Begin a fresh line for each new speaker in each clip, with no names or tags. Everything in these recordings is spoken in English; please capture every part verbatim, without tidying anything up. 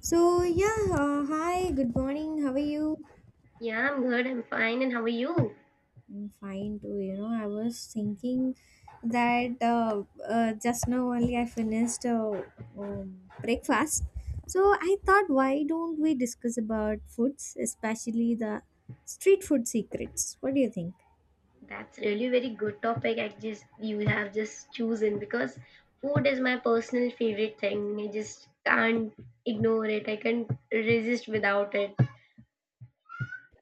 So yeah, uh, hi, good morning. How are you?
Yeah, I'm good. I'm fine. And how are you?
I'm fine too. You know, I was thinking that uh, uh, just now only I finished uh, um, breakfast. So I thought, why don't we discuss about foods, especially the street food secrets? What do you think?
That's really very good topic. I just you have just chosen because food is my personal favorite thing. I just can't ignore it. I can't resist without it.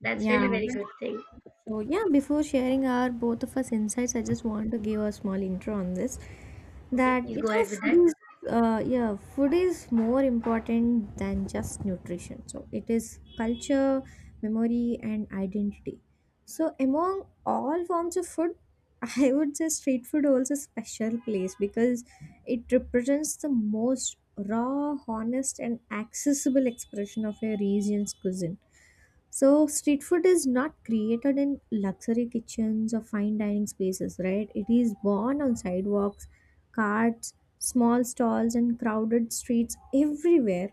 That's
Yeah.
really very good thing.
So, yeah, before sharing our both of us insights, I just want to give a small intro on this.
Okay,
That
please
you
go
know,
ahead with that.
food is uh, yeah, food is more important than just nutrition. So it is culture, memory, and identity. So among all forms of food, I would say street food holds a special place because it represents the most raw, honest, and accessible expression of a region's cuisine. So street food is not created in luxury kitchens or fine dining spaces, right? It is born on sidewalks, carts, small stalls, and crowded streets everywhere,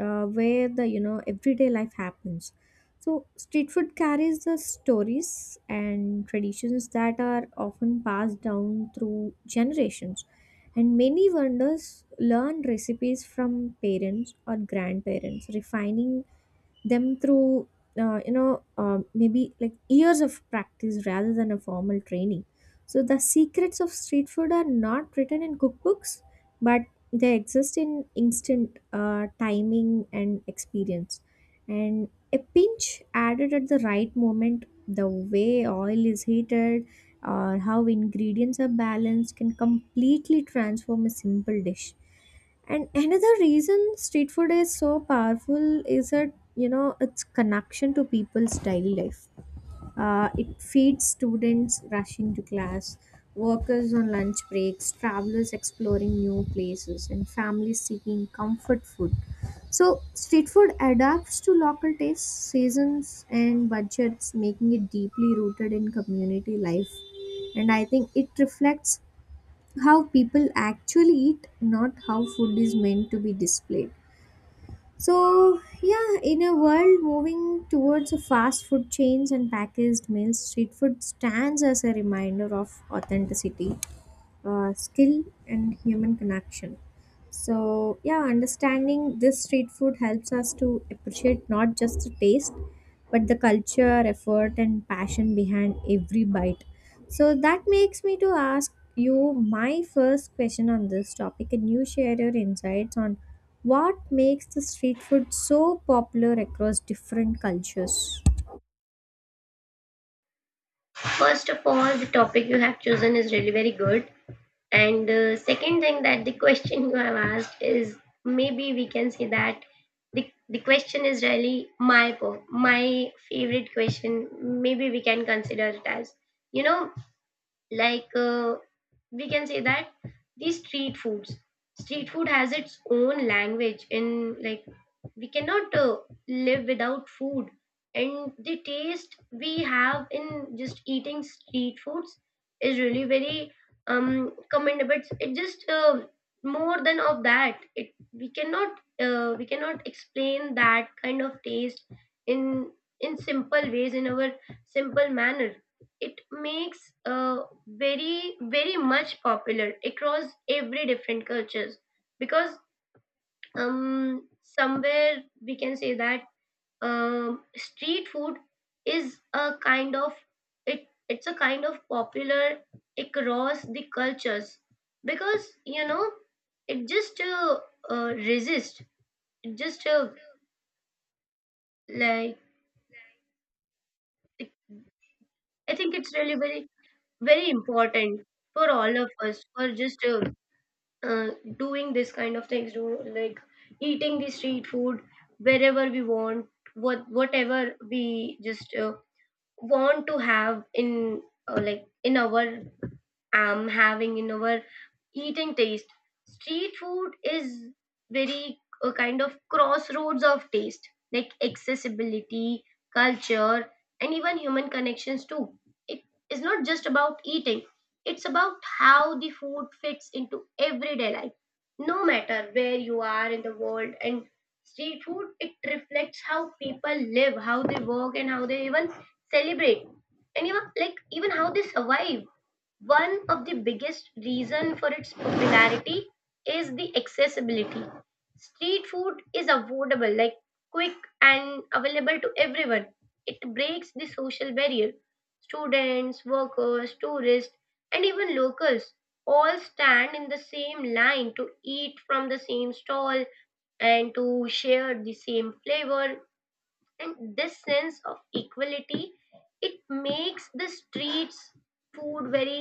uh, where the you know everyday life happens. So street food carries the stories and traditions that are often passed down through generations, and many vendors learn recipes from parents or grandparents, refining them through uh, you know uh, maybe like years of practice rather than a formal training. So the secrets of street food are not written in cookbooks, but they exist in instant uh, timing and experience, and a pinch added at the right moment, the way oil is heated or how ingredients are balanced can completely transform a simple dish. And another reason street food is so powerful is that you know its connection to people's daily life. Uh, it feeds students rushing to class, workers on lunch breaks, travelers exploring new places, and families seeking comfort food. So street food adapts to local tastes, seasons, and budgets, making it deeply rooted in community life, and I think it reflects how people actually eat, not how food is meant to be displayed. So, yeah, in a world moving towards fast food chains and packaged meals, street food stands as a reminder of authenticity, uh, skill, and human connection. So yeah, understanding this street food helps us to appreciate not just the taste, but the culture, effort, and passion behind every bite. So that makes me to ask you my first question on this topic, and you share your insights on what makes the street food so popular across different cultures.
First of all, the topic you have chosen is really very good. And the second thing that the question you have asked is maybe we can say that the, the question is really my po- my favorite question. Maybe we can consider it as you know like uh, we can say that these street foods street food has its own language in like we cannot uh, live without food, and the taste we have in just eating street foods is really very um commendable. It's, it just uh, more than of that, it we cannot uh, we cannot explain that kind of taste in in simple ways, in our simple manner. It makes uh, very very much popular across every different cultures, because um somewhere we can say that um street food is a kind of, it it's a kind of popular across the cultures, because you know it just uh, uh resist. It just uh, like, I think it's really very very important for all of us for just uh, uh, doing this kind of things, do like eating the street food wherever we want, what whatever we just uh, want to have in uh, like in our am having in our eating taste. Street food is very a kind of crossroads of taste, like accessibility, culture, and even human connections too. It is not just about eating; it's about how the food fits into everyday life, no matter where you are in the world. And street food, it reflects how people live, how they work, and how they even celebrate, and even like even how they survive. One of the biggest reason for its popularity is the accessibility. Street food is affordable, like quick, and available to everyone. It breaks the social barrier. Students, workers, tourists, and even locals all stand in the same line to eat from the same stall and to share the same flavor. And this sense of equality, it makes the streets food very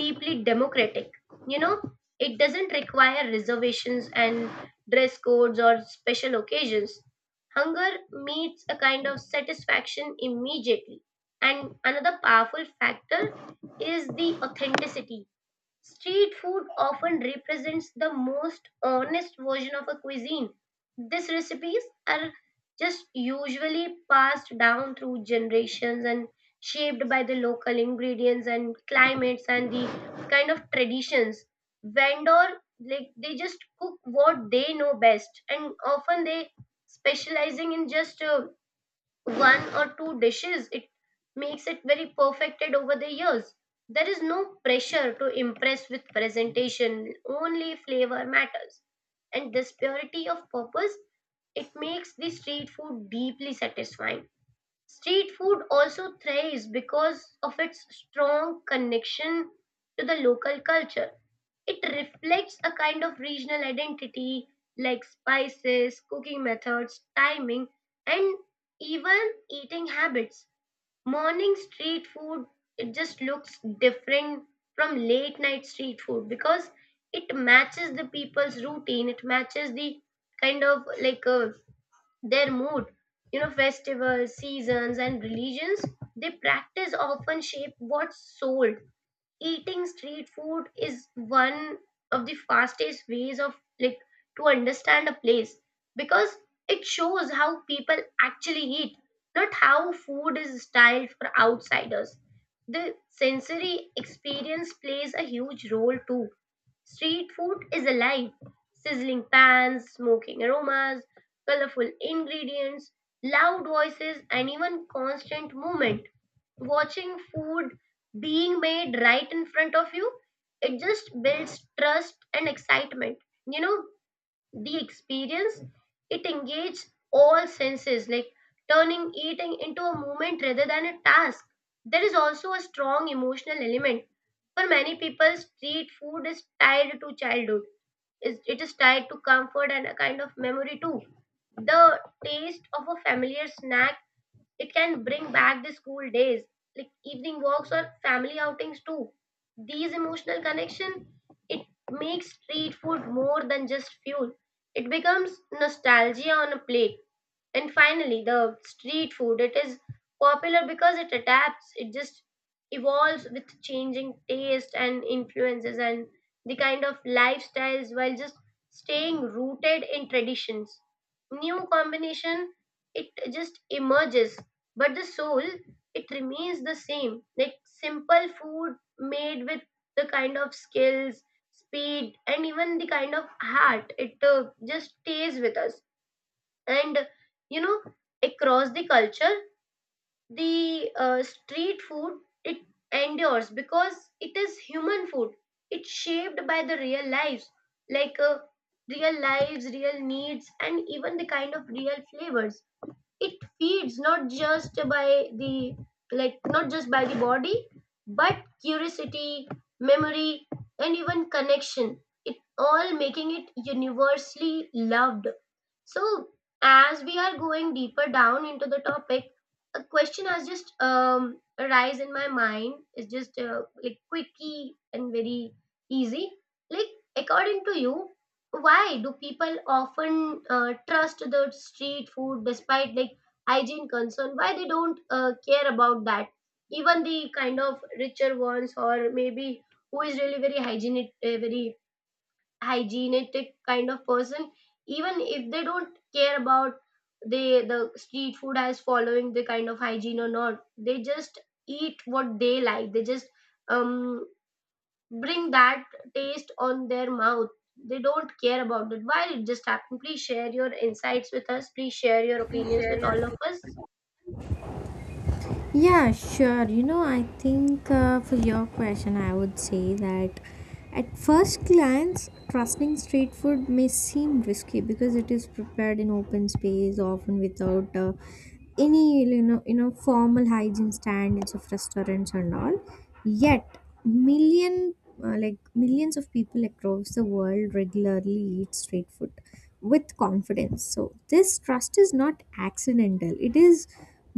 deeply democratic. You know, it doesn't require reservations and dress codes or special occasions. Hunger meets a kind of satisfaction immediately. And another powerful factor is the authenticity. Street food often represents the most honest version of a cuisine. These recipes are just usually passed down through generations, and shaped by the local ingredients and climates and the kind of traditions. Vendor, like they just cook what they know best, and often they specializing in just uh, one or two dishes. It makes it very perfected over the years. There is no pressure to impress with presentation, only flavor matters. And this purity of purpose, it makes the street food deeply satisfying. Street food also thrives because of its strong connection to the local culture. It reflects a kind of regional identity, like spices, cooking methods, timing, and even eating habits. Morning street food, it just looks different from late night street food, because it matches the people's routine, it matches the kind of like uh, their mood. You know, festivals, seasons, and religions they practice often shape what's sold. Eating street food is one of the fastest ways of like to understand a place, because it shows how people actually eat, not how food is styled for outsiders. The sensory experience plays a huge role too. Street food is alive. Sizzling pans, smoking aromas, colorful ingredients, loud voices, and even constant movement. Watching food being made right in front of you, it just builds trust and excitement. You know, the experience, it engaged all senses, like turning eating into a movement rather than a task. There is also a strong emotional element. For many people, street food is tied to childhood. Is- it is tied to comfort and a kind of memory too. The taste of a familiar snack, it can bring back the school days, like evening walks or family outings too. These emotional connection, it makes street food more than just fuel. It becomes nostalgia on a plate. And finally, the street food, it is popular because it adapts. It just evolves with changing taste and influences and the kind of lifestyles, while just staying rooted in traditions. New combination, it just emerges, but the soul, it remains the same, like simple food made with the kind of skills, speed, and even the kind of heart. It uh, just stays with us. And you know, across the culture, the uh, street food, it endures because it is human food. It's shaped by the real lives, like uh, real lives real needs and even the kind of real flavors. It feeds not just by the like not just by the body, but curiosity, memory, and even connection. It all making it universally loved. So, as we are going deeper down into the topic, a question has just um, arise in my mind. It's just uh, like quickie and very easy. Like, according to you, why do people often uh, trust the street food despite like hygiene concern? Why they don't uh, care about that? Even the kind of richer ones, or maybe who is really very hygienic, uh, very hygienetic kind of person, even if they don't care about they the street food as following the kind of hygiene or not, they just eat what they like. They just um bring that taste on their mouth. They don't care about it. Why it just happened? Please share your insights with us, please share your opinions with all of us.
Yeah, sure. You know, I think uh, for your question, I would say that at first glance, trusting street food may seem risky because it is prepared in open space, often without uh, any you know you know formal hygiene standards of restaurants and all. Yet, million uh, like millions of people across the world regularly eat street food with confidence. So this trust is not accidental. It is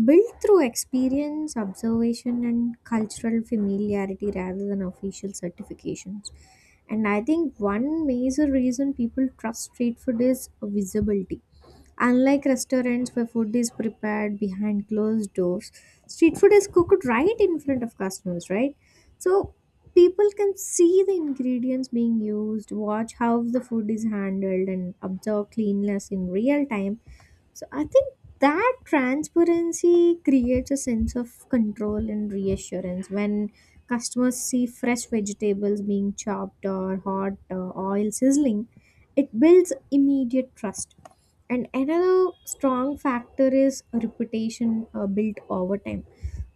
built through experience, observation, and cultural familiarity rather than official certifications. And I think one major reason people trust street food is visibility. Unlike restaurants where food is prepared behind closed doors, street food is cooked right in front of customers, right? So people can see the ingredients being used, watch how the food is handled, and observe cleanliness in real time. So I think that transparency creates a sense of control and reassurance. When customers see fresh vegetables being chopped or hot uh, oil sizzling, it builds immediate trust. And another strong factor is reputation uh, built over time.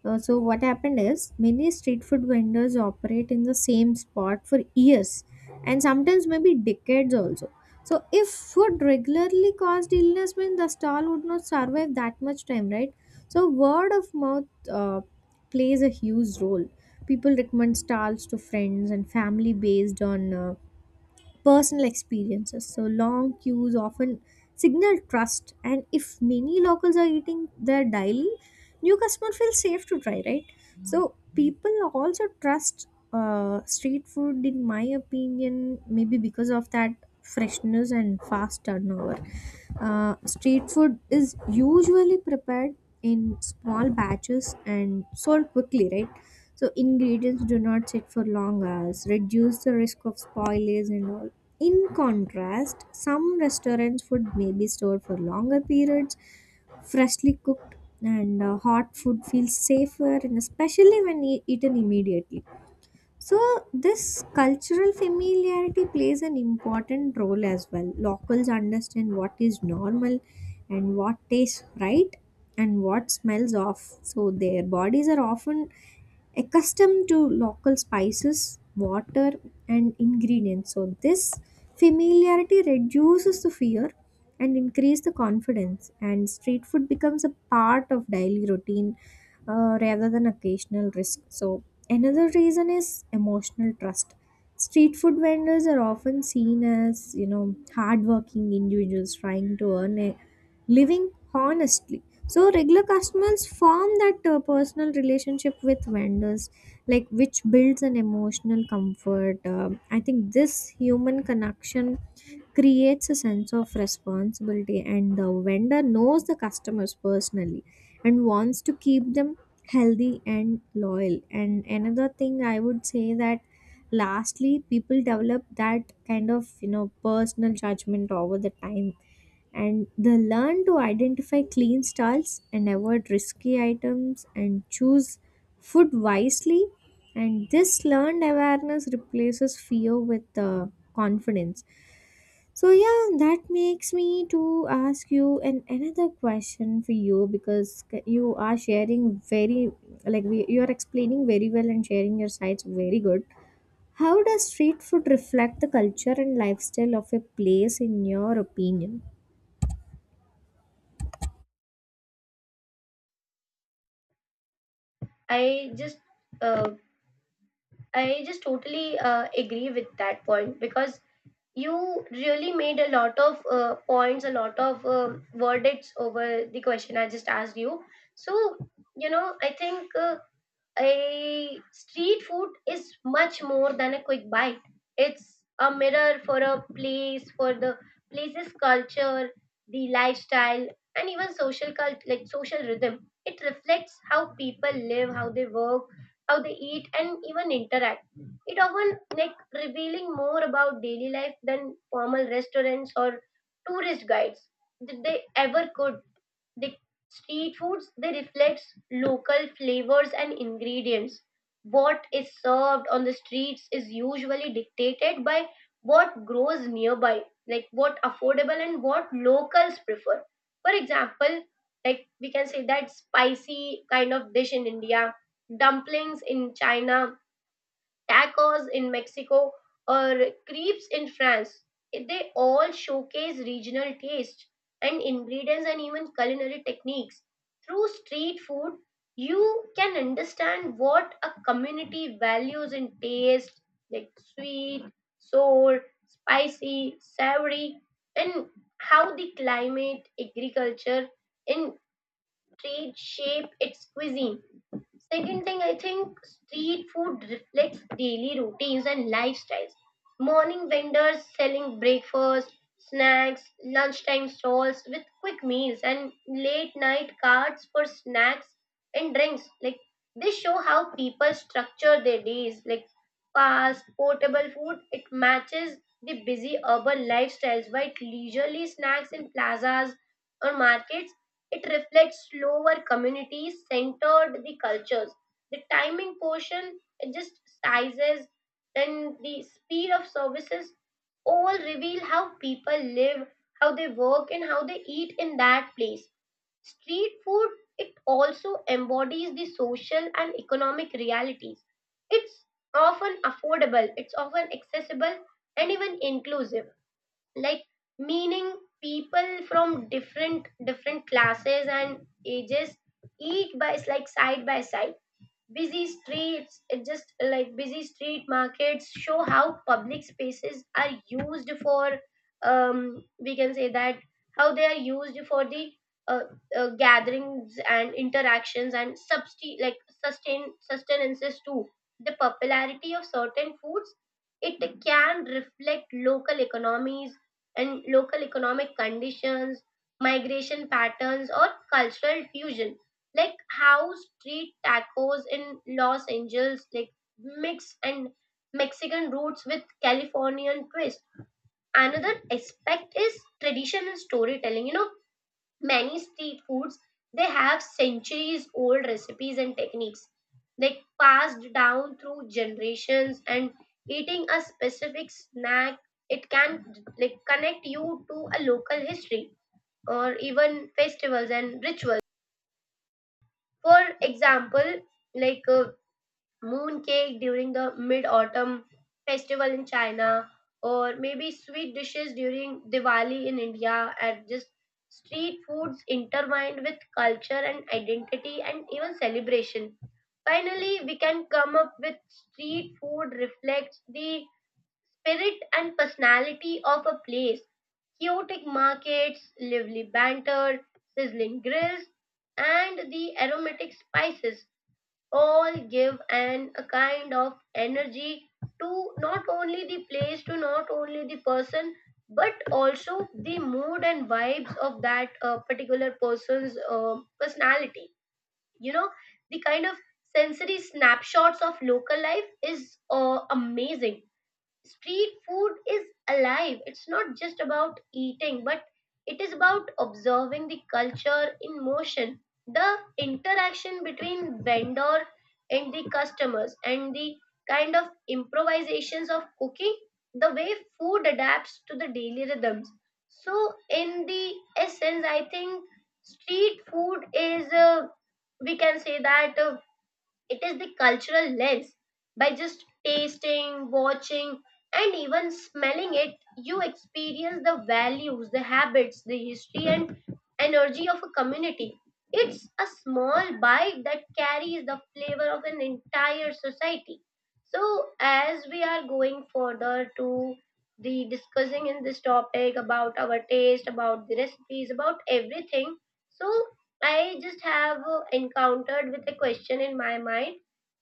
uh, So what happened is many street food vendors operate in the same spot for years, and sometimes maybe decades also. So if food regularly caused illness, mean the stall would not survive that much time, right? So word of mouth uh, plays a huge role. People recommend stalls to friends and family based on uh, personal experiences. So long queues often signal trust, and if many locals are eating there daily, new customers feel safe to try, right? So people also trust uh, street food, in my opinion, maybe because of that freshness and fast turnover. Uh, street food is usually prepared in small batches and sold quickly, right? So ingredients do not sit for long hours, reduce the risk of spoilage and all. In contrast, some restaurants' food may be stored for longer periods, freshly cooked, and uh, hot food feels safer, and especially when e- eaten immediately. So this cultural familiarity plays an important role as well. Locals understand what is normal and what tastes right and what smells off, so their bodies are often accustomed to local spices, water, and ingredients. So this familiarity reduces the fear and increase the confidence, and street food becomes a part of daily routine uh, rather than occasional risk. So another reason is emotional trust. Street food vendors are often seen as you know hardworking individuals trying to earn a living honestly, so regular customers form that uh, personal relationship with vendors, like which builds an emotional comfort. Um, I think this human connection creates a sense of responsibility, and the vendor knows the customers personally and wants to keep them healthy and loyal. And another thing I would say that lastly, people develop that kind of you know personal judgment over the time, and they learn to identify clean stalls and avoid risky items and choose food wisely, and this learned awareness replaces fear with uh, confidence. So yeah, that makes me to ask you an another question for you, because c- you are sharing very like we, you are explaining very well and sharing your sides very good. How does street food reflect the culture and lifestyle of a place in your opinion?
i just uh, I just totally uh, agree with that point, because you really made a lot of uh, points, a lot of um verdicts over the question I just asked you. So you know, I think uh, a street food is much more than a quick bite. It's a mirror for a place, for the place's culture, the lifestyle, and even social cult like social rhythm. It reflects how people live, how they work, how they eat, and even interact. It often like revealing more about daily life than formal restaurants or tourist guides did they ever could. The street foods, they reflects local flavors and ingredients. What is served on the streets is usually dictated by what grows nearby, like what affordable and what locals prefer. For example, like we can say that spicy kind of dish in India, dumplings in China, tacos in Mexico, or crepes in France. eh, They all showcase regional taste and ingredients and even culinary techniques. Through street food, you can understand what a community values in taste, like sweet, sour, spicy, savory, and how the climate, agriculture, and trade shape its cuisine. Second thing, I think street food reflects daily routines and lifestyles. Morning vendors selling breakfast snacks, lunchtime stalls with quick meals, and late night carts for snacks and drinks, like they show how people structure their days. Like fast, portable food, it matches the busy urban lifestyles, while leisurely snacks in plazas or markets, it reflects slower communities centered the cultures. The timing portion, it just sizes and the speed of services, all reveal how people live, how they work, and how they eat in that place. Street food, it also embodies the social and economic realities. It's often affordable, it's often accessible, and even inclusive, like meaning people from different different classes and ages eat by like side by side. Busy streets, it just like busy street markets show how public spaces are used for, um we can say that, how they are used for the uh, uh, gatherings and interactions and substi- like sustain sustenances too. The popularity of certain foods, it can reflect local economies and local economic conditions, migration patterns, or cultural fusion, like how street tacos in Los Angeles like mix and Mexican roots with Californian twist. Another aspect is traditional storytelling. You know, many street foods, they have centuries old recipes and techniques, like passed down through generations. And eating a specific snack, it can like connect you to a local history or even festivals and rituals. For example, like a moon cake during the mid autumn festival in China, or maybe sweet dishes during Diwali in India, and just street foods intertwined with culture and identity and even celebration. Finally, we can come up with street food reflects the spirit and personality of a place. Chaotic markets, lively banter, sizzling grills, and the aromatic spices, all give an a kind of energy to not only the place, to not only the person, but also the mood and vibes of that uh, particular person's uh, personality. You know, the kind of sensory snapshots of local life is uh, amazing. Street food is alive. It's not just about eating, but it is about observing the culture in motion, the interaction between vendor and the customers, and the kind of improvisations of cooking, the way food adapts to the daily rhythms. So, in the essence, I think street food is, uh, we can say that. Uh, it is the cultural lens. By just tasting, watching, and even smelling it, you experience the values, the habits, the history, and energy of a community. It's a small bite that carries the flavor of an entire society. So, as we are going further to the discussing in this topic about our taste, about the recipes, about everything, so I just have uh, encountered with a question in my mind.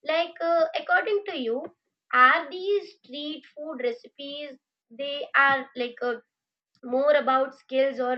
Like, uh, according to you, are these street food recipes they are like uh, more about skills or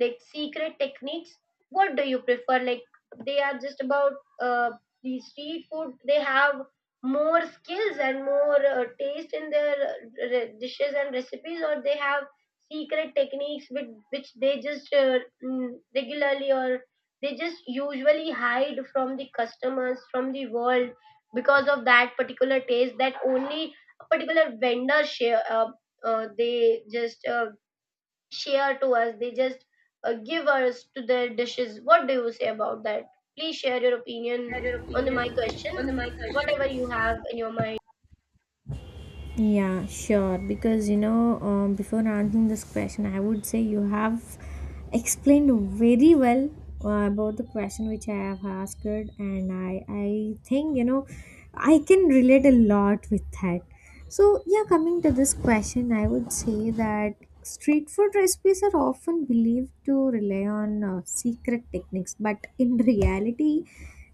like secret techniques, what do you prefer? Like, they are just about uh, the street food, they have more skills and more uh, taste in their uh, re- dishes and recipes, or they have secret techniques with which they just uh, mm, regularly, or they just usually hide from the customers, from the world because of that particular taste that only a particular vendor share, uh, uh, they just uh, share to us. They just uh, give us to their dishes. What do you say about that? Please share your opinion on the, my question, whatever you have in your mind.
Yeah, sure. Because you know, um, before answering this question, I would say you have explained very well uh, about the question which I have asked, and I I think you know I can relate a lot with that. So yeah, coming to this question, I would say that street food recipes are often believed to rely on uh, secret techniques, but in reality,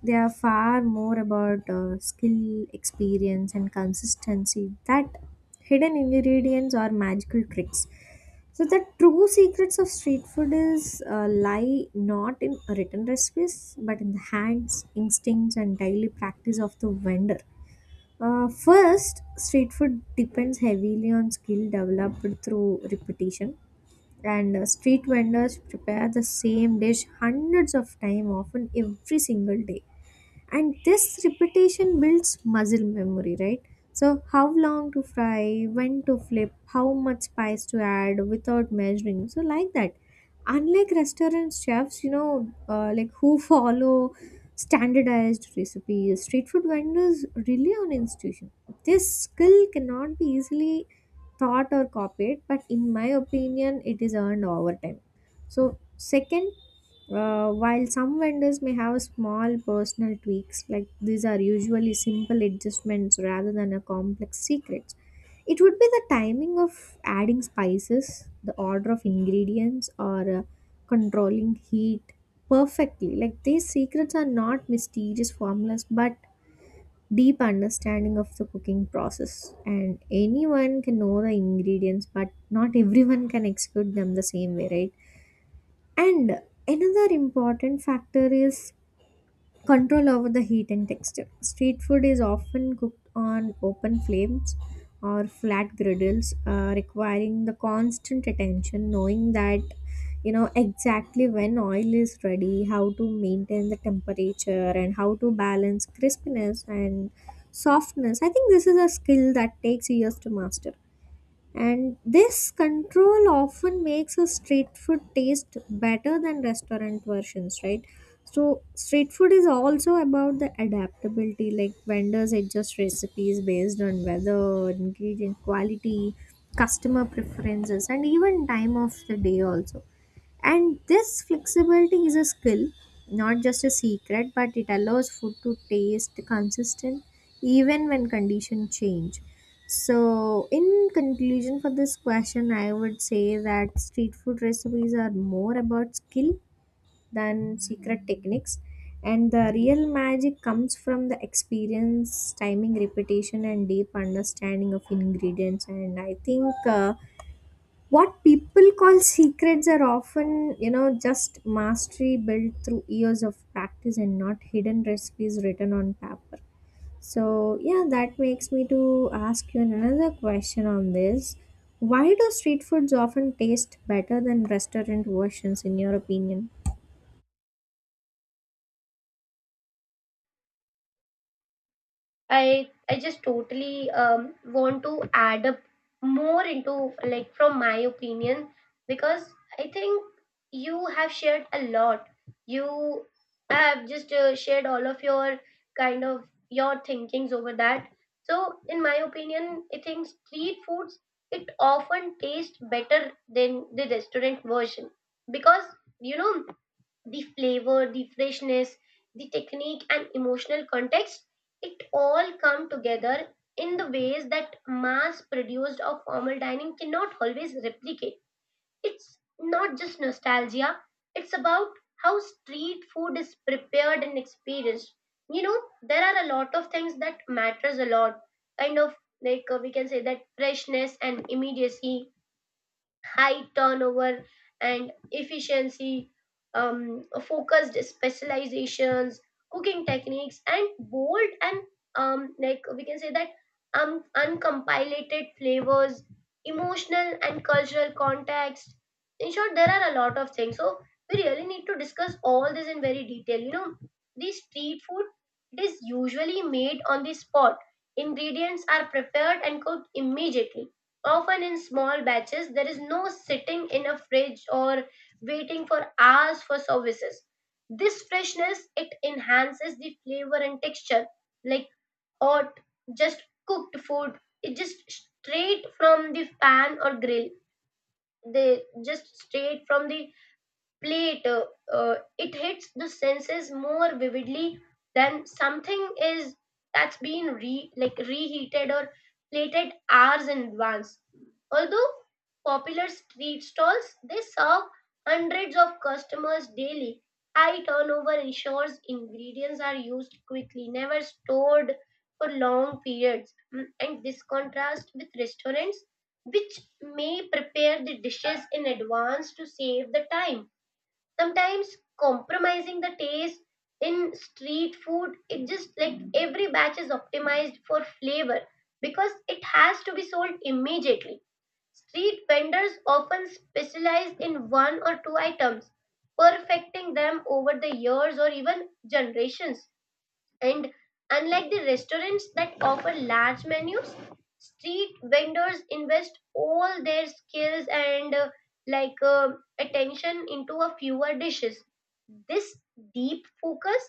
they are far more about uh, skill, experience, and consistency that hidden ingredients or magical tricks. So the true secrets of street food is uh, lie not in written recipes but in the hands, instincts, and daily practice of the vendor. Uh, first, street food depends heavily on skill developed through repetition, and uh, street vendors prepare the same dish hundreds of times, often every single day, and this repetition builds muscle memory, right? So how long to fry, when to flip, how much spice to add without measuring, so like that. Unlike restaurant chefs, you know, uh, like who follow standardized recipes, street food vendors rely on institution. This skill cannot be easily taught or copied, but in my opinion it is earned over time. So second, uh, while some vendors may have small personal tweaks, like these are usually simple adjustments rather than a complex secret. It would be the timing of adding spices, the order of ingredients, or uh, controlling heat perfectly. Like these secrets are not mysterious formulas, but deep understanding of the cooking process. And anyone can know the ingredients, but not everyone can execute them the same way, right? And another important factor is control over the heat and texture. Street food is often cooked on open flames or flat griddles, uh, requiring the constant attention, knowing that you know exactly when oil is ready, how to maintain the temperature, and how to balance crispness and softness. I think this is a skill that takes years to master, and this control often makes a street food taste better than restaurant versions, right? So street food is also about the adaptability. Like vendors adjust recipes based on weather, ingredient quality, customer preferences, and even time of the day also, and this flexibility is a skill, not just a secret, but it allows food to taste consistent even when conditions change. So in conclusion for this question, I would say that street food recipes are more about skill than secret techniques, and the real magic comes from the experience, timing, repetition, and deep understanding of ingredients. And I think uh, what people call secrets are often you know just mastery built through years of practice and not hidden recipes written on paper. So yeah, that makes me to ask you another question on this. Why do street foods often taste better than restaurant versions in your opinion?
I I just totally um, want to add up more into, like, from my opinion, because I think you have shared a lot. You have just uh, shared all of your kind of your thinkings over that. So in my opinion, I think street foods, it often tastes better than the restaurant version because, you know, the flavor, the freshness, the technique, and emotional context, it all come together in the ways that mass produced or formal dining cannot always replicate. It's not just nostalgia, it's about how street food is prepared and experienced. You know, there are a lot of things that matters a lot. Kind of like, uh, we can say that, freshness and immediacy, high turnover and efficiency, um, focused specializations, cooking techniques, and bold and um, like we can say that, um, uncompiled flavors, emotional and cultural context. In short, there are a lot of things. So we really need to discuss all this in very detail. You know, the street food, it is usually made on the spot. Ingredients are prepared and cooked immediately, often in small batches. There is no sitting in a fridge or waiting for hours for services. This freshness, it enhances the flavor and texture. Like hot just cooked food, it just straight from the pan or grill, they just straight from the plate, uh, uh, it hits the senses more vividly than something is that's been re like reheated or plated hours in advance. Although popular street stalls, they serve hundreds of customers daily, high turnover ensures ingredients are used quickly, never stored for long periods. Mm, and this contrasts with restaurants, which may prepare the dishes in advance to save the time, sometimes compromising the taste. In street food, it just like every batch is optimized for flavor because it has to be sold immediately. Street vendors often specialize in one or two items, perfecting them over the years or even generations. And unlike the restaurants that offer large menus, street vendors invest all their skills and, uh, like uh, attention into a fewer dishes. This deep focus,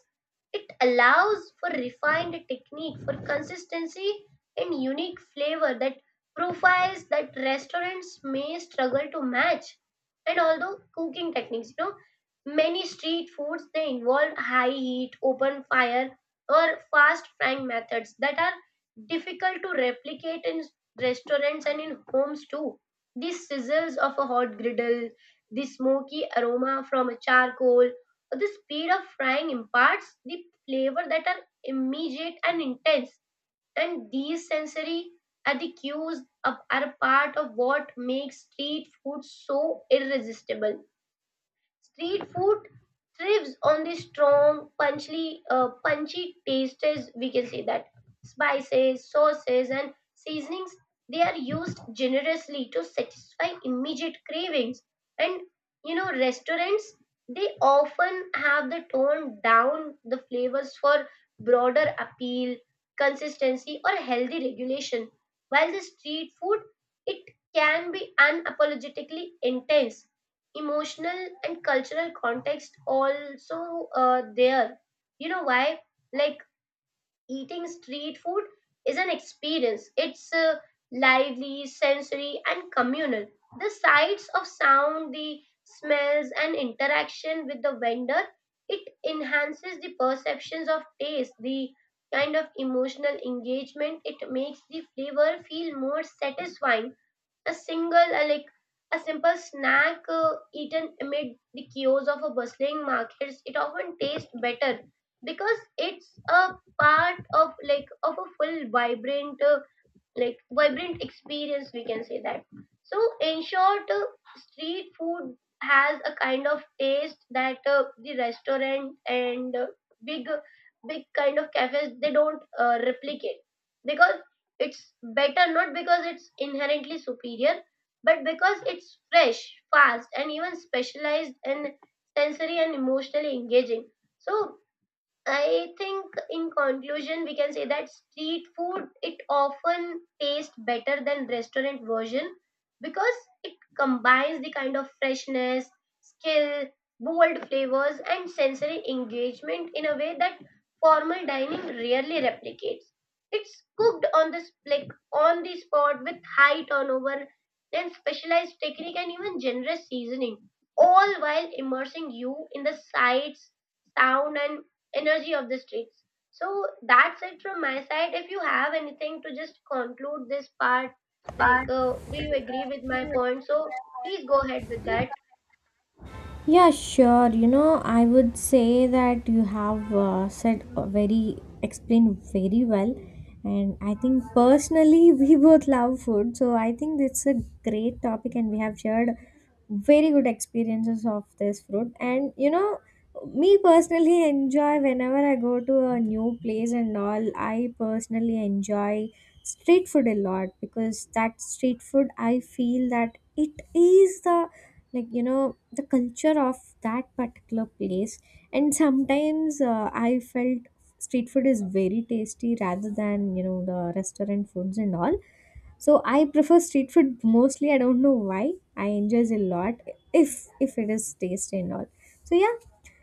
it allows for refined technique, for consistency and unique flavor that profiles that restaurants may struggle to match. And although cooking techniques, you know, many street foods they involve high heat, open fire or fast frying methods that are difficult to replicate in restaurants and in homes too. The sizzles of a hot griddle, the smoky aroma from a charcoal, or the speed of frying imparts the flavor that are immediate and intense. And these sensory cues are are a part of what makes street food so irresistible. Street food thrives on the strong, punchy, uh, punchy tastes. We can say that spices, sauces, and seasonings, they are used generously to satisfy immediate cravings. And, you know, restaurants, they often have the tone down the flavors for broader appeal, consistency, or healthy regulation. While the street food, it can be unapologetically intense. Emotional and cultural context also, uh, there, you know why, like eating street food is an experience. It's uh, lively, sensory, and communal. The sights of sound, the smells, and interaction with the vendor, it enhances the perceptions of taste. The kind of emotional engagement, it makes the flavor feel more satisfying. A single, uh, like a simple snack uh, eaten amid the chaos of a bustling markets, it often tastes better because it's a part of, like, of a full vibrant, uh, like vibrant experience, we can say that. So in short, uh, street food has a kind of taste that uh, the restaurant and, uh, big, big kind of cafes, they don't uh, replicate, because it's better. Not because it's inherently superior, but because it's fresh, fast, and even specialized, and sensory, and emotionally engaging. So I think in conclusion we can say that street food, it often tastes better than restaurant version because it combines the kind of freshness, skill, bold flavors, and sensory engagement in a way that formal dining rarely replicates. It's cooked on the sp- like on the spot with high turnover and specialized technique and even generous seasoning, all while immersing you in the sights, sound, and energy of the streets. So that's it from my side. If you have anything to just conclude this part, like, uh, do you agree with my point? So please go ahead with that.
Yeah, sure. You know, I would say that you have uh, said a very, explained very well. And I think personally, we both love food. So I think it's a great topic, and we have shared very good experiences of this food. And you know, me personally enjoy whenever I go to a new place and all, I personally enjoy street food a lot because that street food, I feel that it is the like you know the culture of that particular place. And sometimes uh, I felt street food is very tasty rather than you know the restaurant foods and all. So I prefer street food mostly. I don't know why I enjoy a lot if if it is tasty and all. So yeah,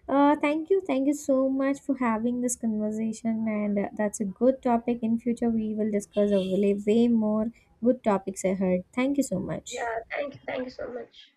uh, thank you, thank you so much for having this conversation, and uh, that's a good topic. In future we will discuss a way way more good topics ahead. Thank you so much.
Yeah, thank you, thank you so much.